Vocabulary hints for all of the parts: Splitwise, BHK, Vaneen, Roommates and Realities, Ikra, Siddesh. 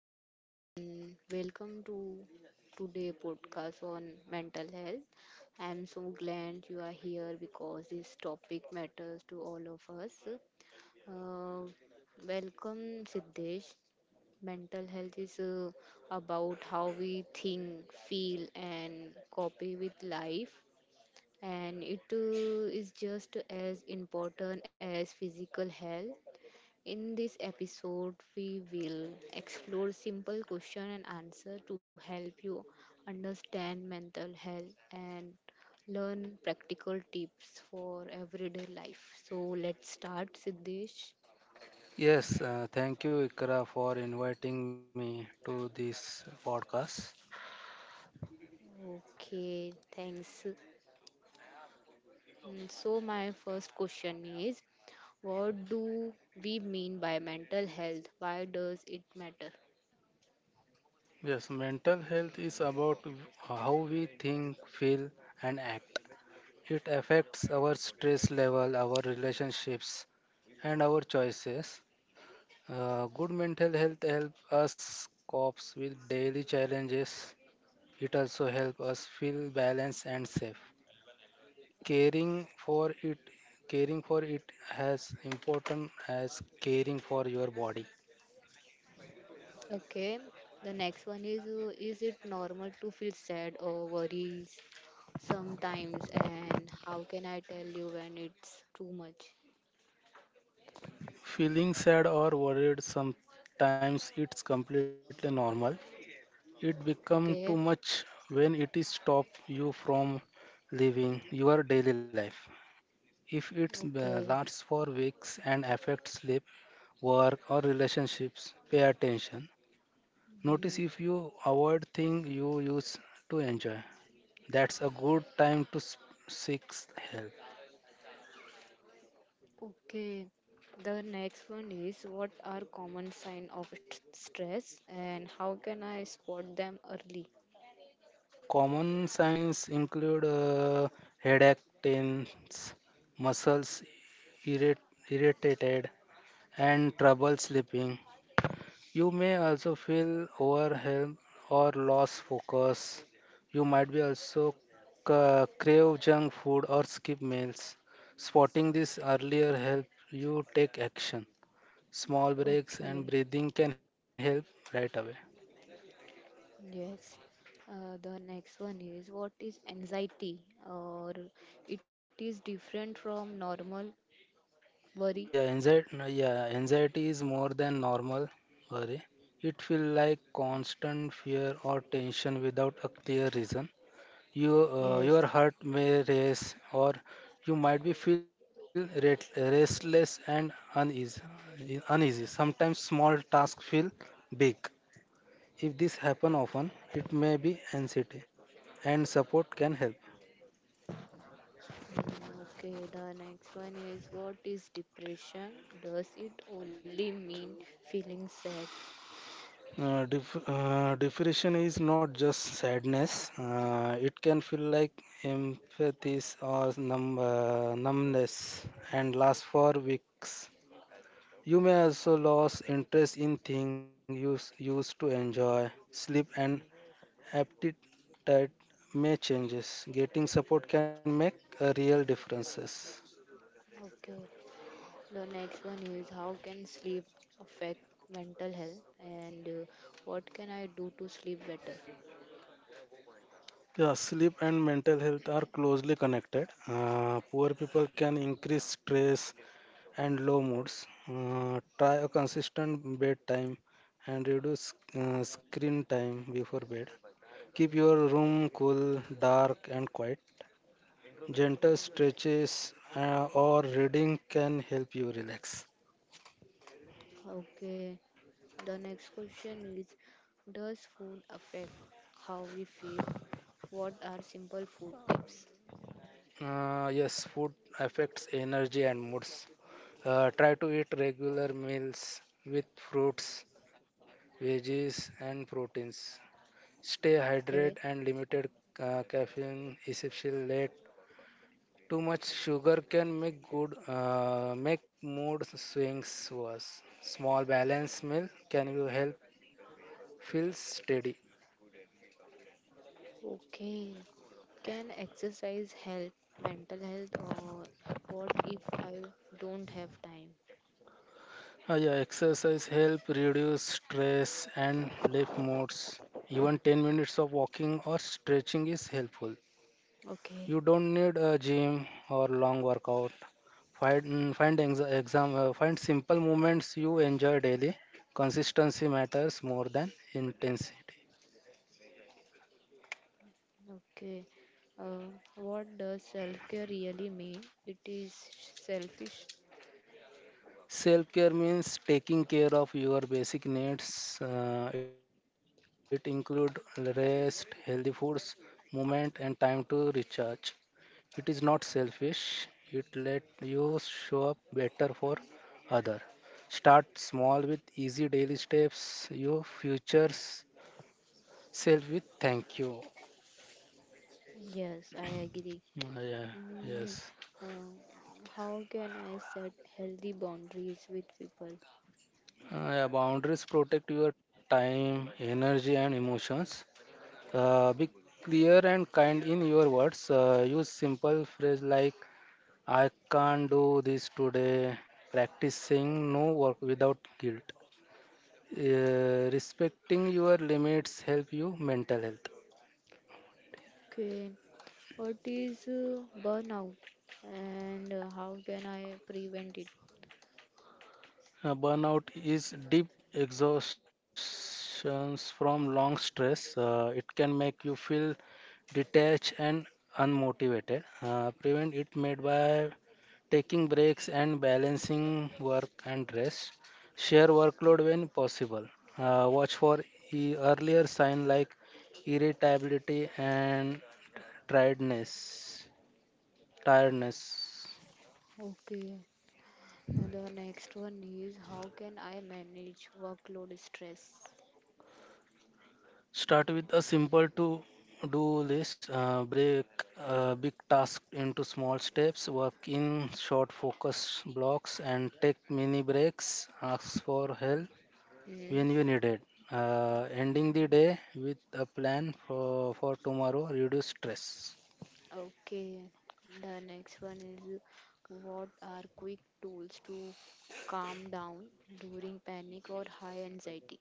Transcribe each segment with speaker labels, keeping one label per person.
Speaker 1: Hello and welcome to today podcast on mental health. I'm so glad you are here because this topic matters to all of us. Uh, Welcome Siddesh. Mental health is about how we think, feel, and copy with life, and it is just as important as physical health. In this episode, we will explore simple question and answer to help you understand mental health and learn practical tips for everyday life. So let's start, Siddesh.
Speaker 2: Yes, thank you, Ikra, for inviting me to this podcast.
Speaker 1: Okay, thanks. So my first question is, what do we mean by mental health? Why does it matter?
Speaker 2: Yes, mental health is about how we think, feel, and act. It affects our stress level, our relationships, and our choices. Good mental health helps us cope with daily challenges. It also helps us feel balanced and safe. Caring for it, Caring for it, has important as caring for your body.
Speaker 1: Okay, the next one is is it normal to feel sad or worries sometimes? And how can I tell you when it's too much?
Speaker 2: Feeling sad or worried sometimes it's completely normal. It becomes too
Speaker 1: Okay,
Speaker 2: much when it is stop you from living your daily life. If it
Speaker 1: okay,
Speaker 2: lasts for weeks and affects sleep, work or relationships, pay attention. Notice
Speaker 1: hmm,
Speaker 2: if you avoid things you used to enjoy. That's a good time to seek help.
Speaker 1: okay. The next one is, what are common sign of stress and how can I spot them early?
Speaker 2: Common signs include headache, pains, muscles irrit- irritated, and trouble sleeping. You may also feel overwhelmed or lost focus. You might be also crave junk food or skip meals. Spotting this earlier help you take action. Small breaks and
Speaker 1: Okay,
Speaker 2: breathing can help right away.
Speaker 1: yes. The next one is, what is anxiety or it is different from normal worry.
Speaker 2: Yeah, anxiety, no, yeah, anxiety is more than normal worry. It feels like constant fear or tension without a clear reason. You,
Speaker 1: Yes.
Speaker 2: your heart may race, or you might be feel restless and uneasy. Uneasy. Sometimes small tasks feel big. If this happen often, it may be anxiety, and support can help.
Speaker 1: Okay, the next one is, what is depression? Does it only mean feeling sad?
Speaker 2: Depression is not just sadness. It can feel like empathy or numbness and last for weeks. You may also lose interest in things you used to enjoy. Sleep and appetite may changes. Getting support can make a real differences.
Speaker 1: Okay, the next one is, how can sleep affect mental health and what can I do to sleep better?
Speaker 2: Yeah, sleep and mental health are closely connected. Poor people can increase stress and low moods. Try a consistent bedtime and reduce screen time before bed. Keep your room cool, dark, and quiet. Gentle stretches or reading can help you relax.
Speaker 1: Okay, the next question is, does food affect how we feel? What are simple food tips?
Speaker 2: Yes, food affects energy and moods. Try to eat regular meals with fruits, veggies, and proteins. Stay hydrated
Speaker 1: Okay.
Speaker 2: and limited caffeine is essential late. Too much sugar can make good make mood swings worse. Small balanced meal can you help feel steady.
Speaker 1: Okay. Can exercise help mental health, or what if I don't have time?
Speaker 2: Yeah, exercise help reduce stress and lift modes. Even 10 minutes of walking or stretching is helpful.
Speaker 1: Okay.
Speaker 2: You don't need a gym or long workout. Find mm, find ex- exam Find simple movements you enjoy daily. Consistency matters more than intensity.
Speaker 1: Okay. Uh, what does self care really mean? It is selfish.
Speaker 2: Self care means taking care of your basic needs. It includes rest, healthy foods, movement, and time to recharge. It is not selfish. It let you show up better for other. Start small with easy daily steps. Your future self with thank you.
Speaker 1: Yes, I agree.
Speaker 2: Mm, yeah,
Speaker 1: Mm,
Speaker 2: yes.
Speaker 1: uh, how can I set healthy boundaries with people?
Speaker 2: Yeah, boundaries protect your time, energy, and emotions. Be clear and kind in your words. Use simple phrase like "I can't do this today." Practice saying no work without guilt. Respecting your limits help you mental health.
Speaker 1: Okay, what is burnout and how can I prevent it?
Speaker 2: Burnout is deep exhaustions from long stress. It can make you feel detached and unmotivated. Prevent it made by taking breaks and balancing work and rest. Share workload when possible. Watch for earlier sign like irritability and tiredness. Tiredness.
Speaker 1: Okay, the next one is, how can I manage workload stress?
Speaker 2: Start with a simple to do list, break big task into small steps, work in short focus blocks, and take mini breaks. Ask for help
Speaker 1: Hmm.
Speaker 2: when you need it. Ending the day with a plan for tomorrow, reduce stress.
Speaker 1: Okay. The next one is, what are quick tools to calm down during panic or high anxiety?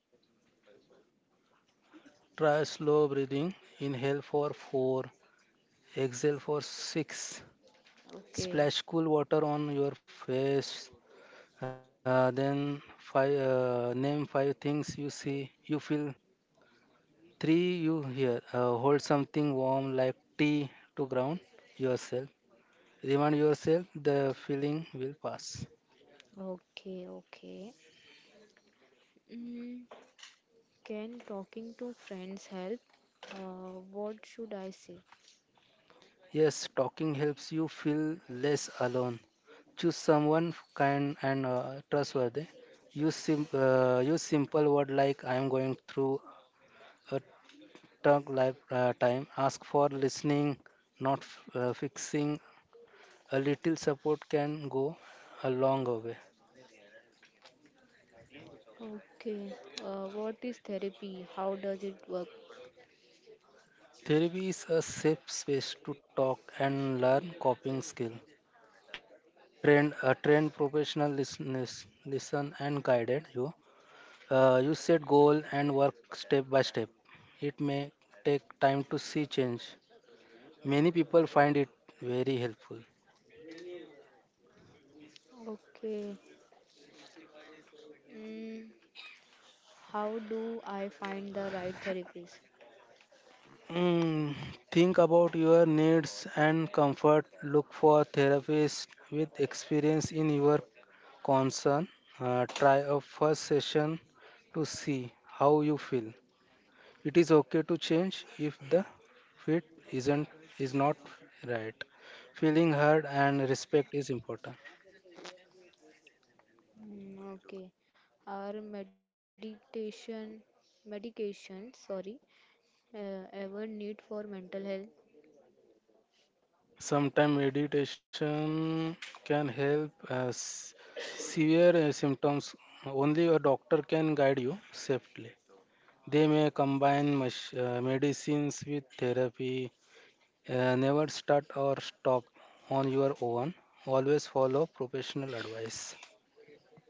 Speaker 2: Try slow breathing. Inhale for 4, exhale for 6.
Speaker 1: Okay.
Speaker 2: Splash cool water on your face. Then five Name five things you see, you feel three you hear. Hold something warm like tea to ground yourself. Remind yourself the feeling will pass.
Speaker 1: Okay. Okay. Mm, can talking to friends help? What should I say?
Speaker 2: Yes, talking helps you feel less alone. Choose someone kind and trustworthy. Use simple word like I am going through a tough life time. Ask for listening, not fixing. A little support can go a long way.
Speaker 1: Okay. What is therapy? How does it work?
Speaker 2: Therapy is a safe space to talk and learn coping skill. A trained professional listeners listen and guided you. You set goal and work step by step. It may take time to see change. Many people find it very helpful.
Speaker 1: Okay. Mm, How do I find the right therapist?
Speaker 2: Mm, think about your needs and comfort. Look for therapists with experience in your concern. Try a first session to see how you feel. It is okay to change if the fit isn't is not right. Feeling heard and respect is important.
Speaker 1: Mm, okay. Are meditation, medication, sorry, ever need for mental health?
Speaker 2: Sometimes meditation can help severe symptoms. Only a doctor can guide you safely. They may combine medicines with therapy. Never start or stop on your own. Always follow professional advice.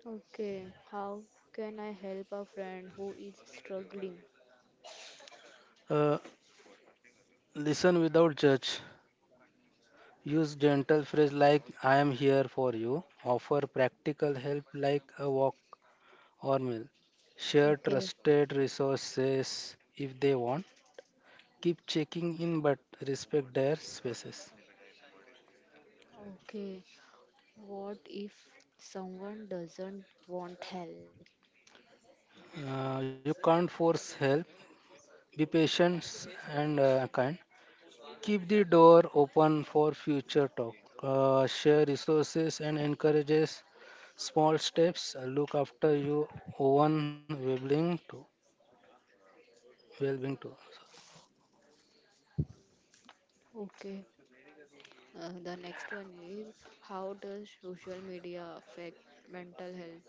Speaker 1: Okay. How can I help a friend who is struggling?
Speaker 2: Uh, Listen without judge. Use gentle phrase like "I am here for you." Offer practical help like a walk or meal. Share
Speaker 1: Okay.
Speaker 2: trusted resources if they want. Keep checking in, but respect their spaces.
Speaker 1: Okay. What if someone doesn't want help?
Speaker 2: You can't force help. Be patient and kind. Keep the door open for future talk. Share resources and encourages small steps. Look after your own Well-being too.
Speaker 1: Okay. The next one is, how does social media affect mental health?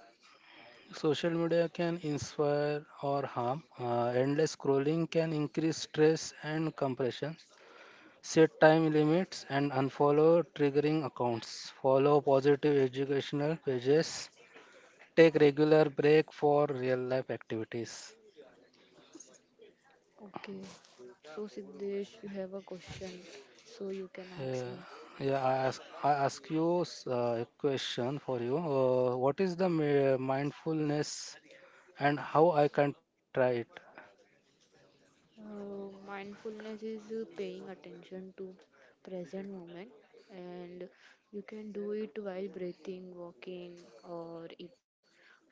Speaker 2: Social media can inspire or harm. Endless scrolling can increase stress and compression. Set time limits and unfollow triggering accounts. Follow positive educational pages. Take regular break for real life activities.
Speaker 1: Okay. So, Siddesh, you have a question, so you can ask
Speaker 2: Yeah,
Speaker 1: me.
Speaker 2: yeah. I ask you a question for you. What is the mindfulness and how I can try it?
Speaker 1: Mindfulness is paying attention to present moment, and you can do it while breathing, walking, or eating.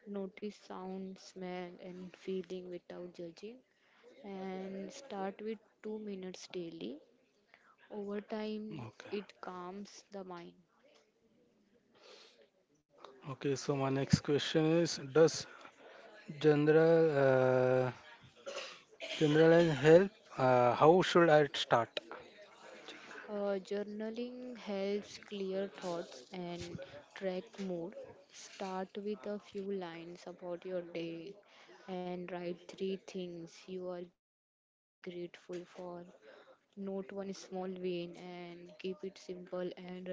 Speaker 1: Notice sound, smell, and feeling without judging, and start with 2 minutes daily. Over time,
Speaker 2: Okay.
Speaker 1: it calms the mind.
Speaker 2: Okay. So my next question is: does general generalized help? How should I start?
Speaker 1: Journaling helps clear thoughts and track mood. Start with a few lines about your day and write three things you are grateful for. Note one small win and keep it simple and regular.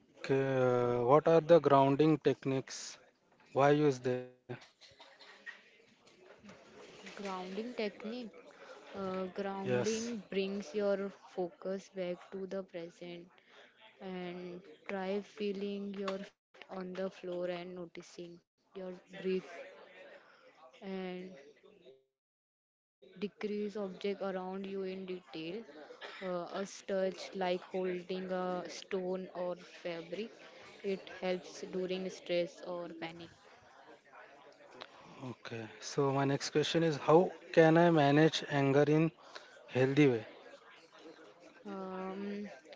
Speaker 2: Okay. What are the grounding techniques? Why use they?
Speaker 1: Grounding technique.
Speaker 2: Yes.
Speaker 1: Grounding brings your focus back to the present, and try feeling your feet on the floor and noticing your breath, and decrease object around you in detail. A touch like holding a stone or fabric. It helps during stress or panic.
Speaker 2: Okay. So my next question is: how can I manage anger in healthy way?
Speaker 1: Um,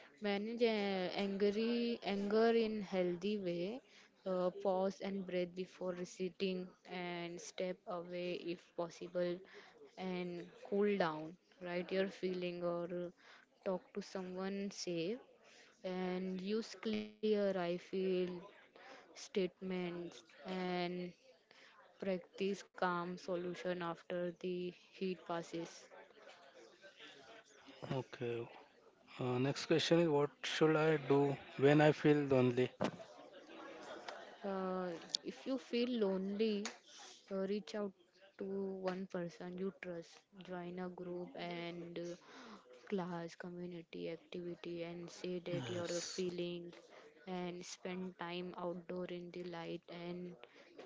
Speaker 1: Manage angry anger in healthy way. Pause and breathe before reciting, and step away if possible, and cool down. Write your feeling, or talk to someone safe, and use clear I feel statements, and practice calm solution after the heat passes.
Speaker 2: Okay. Next question is what should I do when I feel lonely?
Speaker 1: Uh, if you feel lonely, reach out to one person you trust, join a group and class, community activity, and say that you're
Speaker 2: Yes,
Speaker 1: feeling, and spend time outdoor in the light, and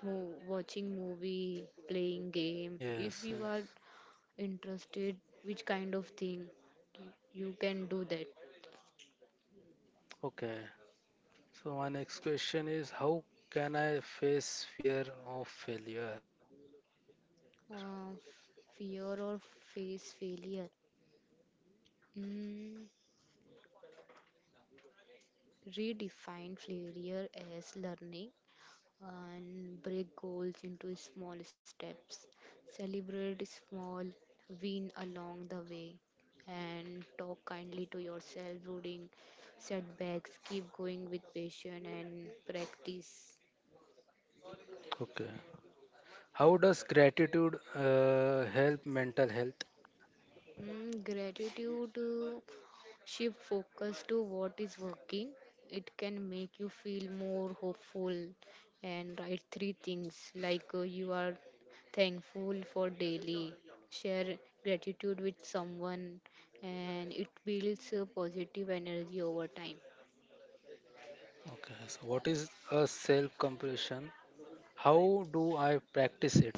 Speaker 1: watching movie playing game if
Speaker 2: yes,
Speaker 1: you are
Speaker 2: yes.
Speaker 1: interested, which kind of thing you can do that.
Speaker 2: Okay. So my next question is how can I face fear of failure?
Speaker 1: uh, Fear, or face failure. mm, Redefine failure as learning, and break goals into small steps, celebrate small win along the way, and talk kindly to yourself during setbacks, keep going with patience and practice.
Speaker 2: Okay. How does gratitude help mental health?
Speaker 1: Gratitude uh, shift focus to what is working. It can make you feel more hopeful, and write three things like you are thankful for daily. Share gratitude with someone, and it builds a positive energy over time.
Speaker 2: Okay. So what is a self-compassion? How do I practice it?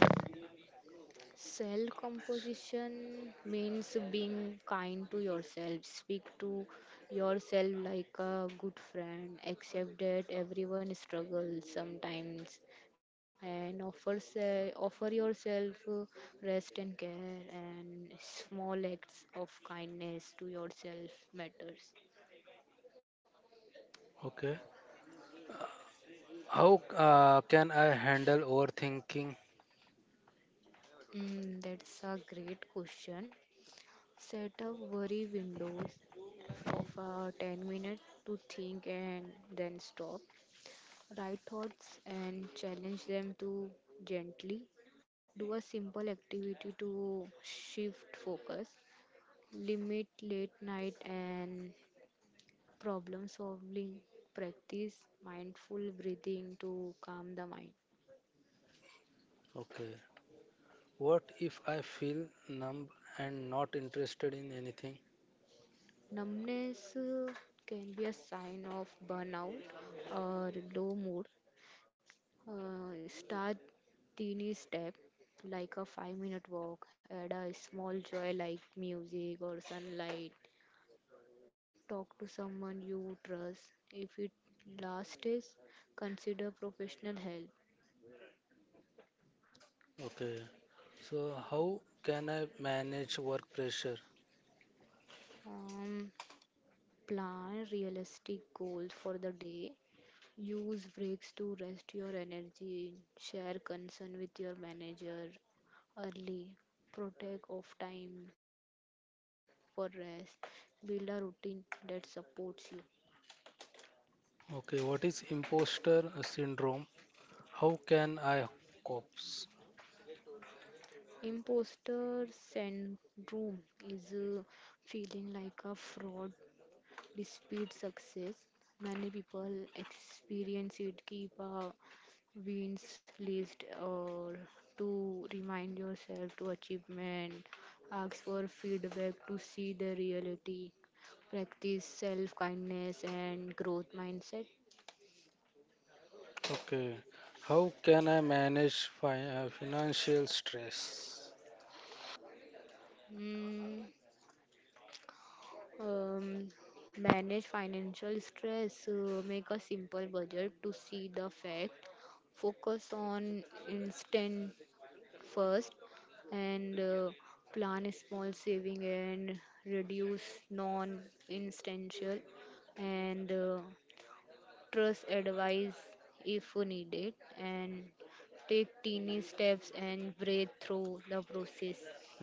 Speaker 1: Self
Speaker 2: Compassion.
Speaker 1: composition means being kind to yourself. Speak to yourself like a good friend. Accept that everyone struggles sometimes, and offer yourself rest and care. And small acts of kindness to yourself matters.
Speaker 2: Okay. How can I handle overthinking?
Speaker 1: That's a great question. Set up worry windows of 10 minutes to think and then stop. Write thoughts and challenge them to gently. Do a simple activity to shift focus. Limit late night and problem solving. Practice mindful breathing to calm the mind.
Speaker 2: Okay. What if I feel numb and not interested in anything?
Speaker 1: Numbness can be a sign of burnout or low mood. Start teeny step like a 5 minute walk, add a small joy like music or sunlight. Talk to someone you trust. If it last is, consider professional help.
Speaker 2: Okay. So, how can I manage work pressure?
Speaker 1: Um, Plan realistic goals for the day. Use breaks to rest your energy. Share concern with your manager early. Protect off time for rest. Build a routine that supports you.
Speaker 2: Okay. What is imposter syndrome? How can I cope?
Speaker 1: Imposter syndrome is feeling like a fraud. Despite success, many people experience it. Keep a wins list or to remind yourself to achievement. Ask for feedback to see the reality. Practice self kindness and growth mindset.
Speaker 2: Okay. How can I manage financial stress?
Speaker 1: Mm, um, Manage financial stress. Make a simple budget to see the fact. Focus on instant first, and plan a small saving, and reduce non essential, and trust advice if needed, and take teeny steps and breathe through the process.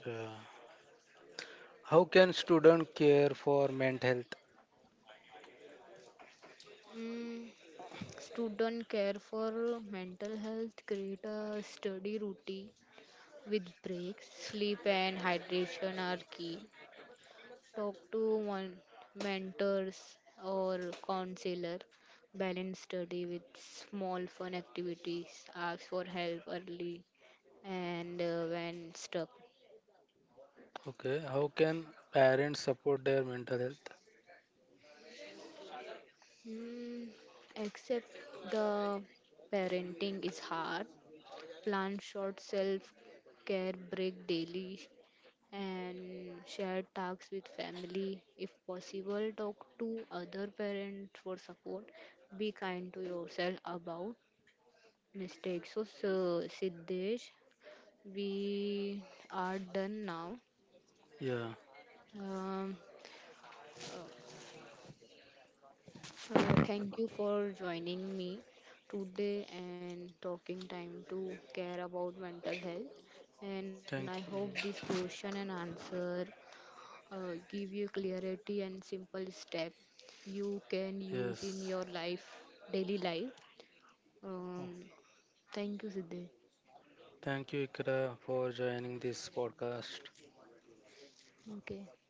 Speaker 2: Yeah. How can student care for mental health?
Speaker 1: Mm, Student care for mental health, create a study routine with breaks, sleep and hydration are key, talk to one mentors or counselor, balance study with small fun activities, ask for help early and when stuck.
Speaker 2: Okay. How can parents support their mental health?
Speaker 1: Mm, Except the parenting is hard. Plan short self care break daily, and share tasks with family. If possible, talk to other parents for support. Be kind to yourself about mistakes. So Siddesh, we are done now.
Speaker 2: Yeah.
Speaker 1: Um, uh, Thank you for joining me today and talking time to care about mental health. And I
Speaker 2: Thank
Speaker 1: hope
Speaker 2: you.
Speaker 1: this question and answer give you clarity and simple step you can use
Speaker 2: Yes.
Speaker 1: in your life, daily life. Um, Thank you, Siddesh.
Speaker 2: Thank you, Ikra, for joining this podcast.
Speaker 1: Okay.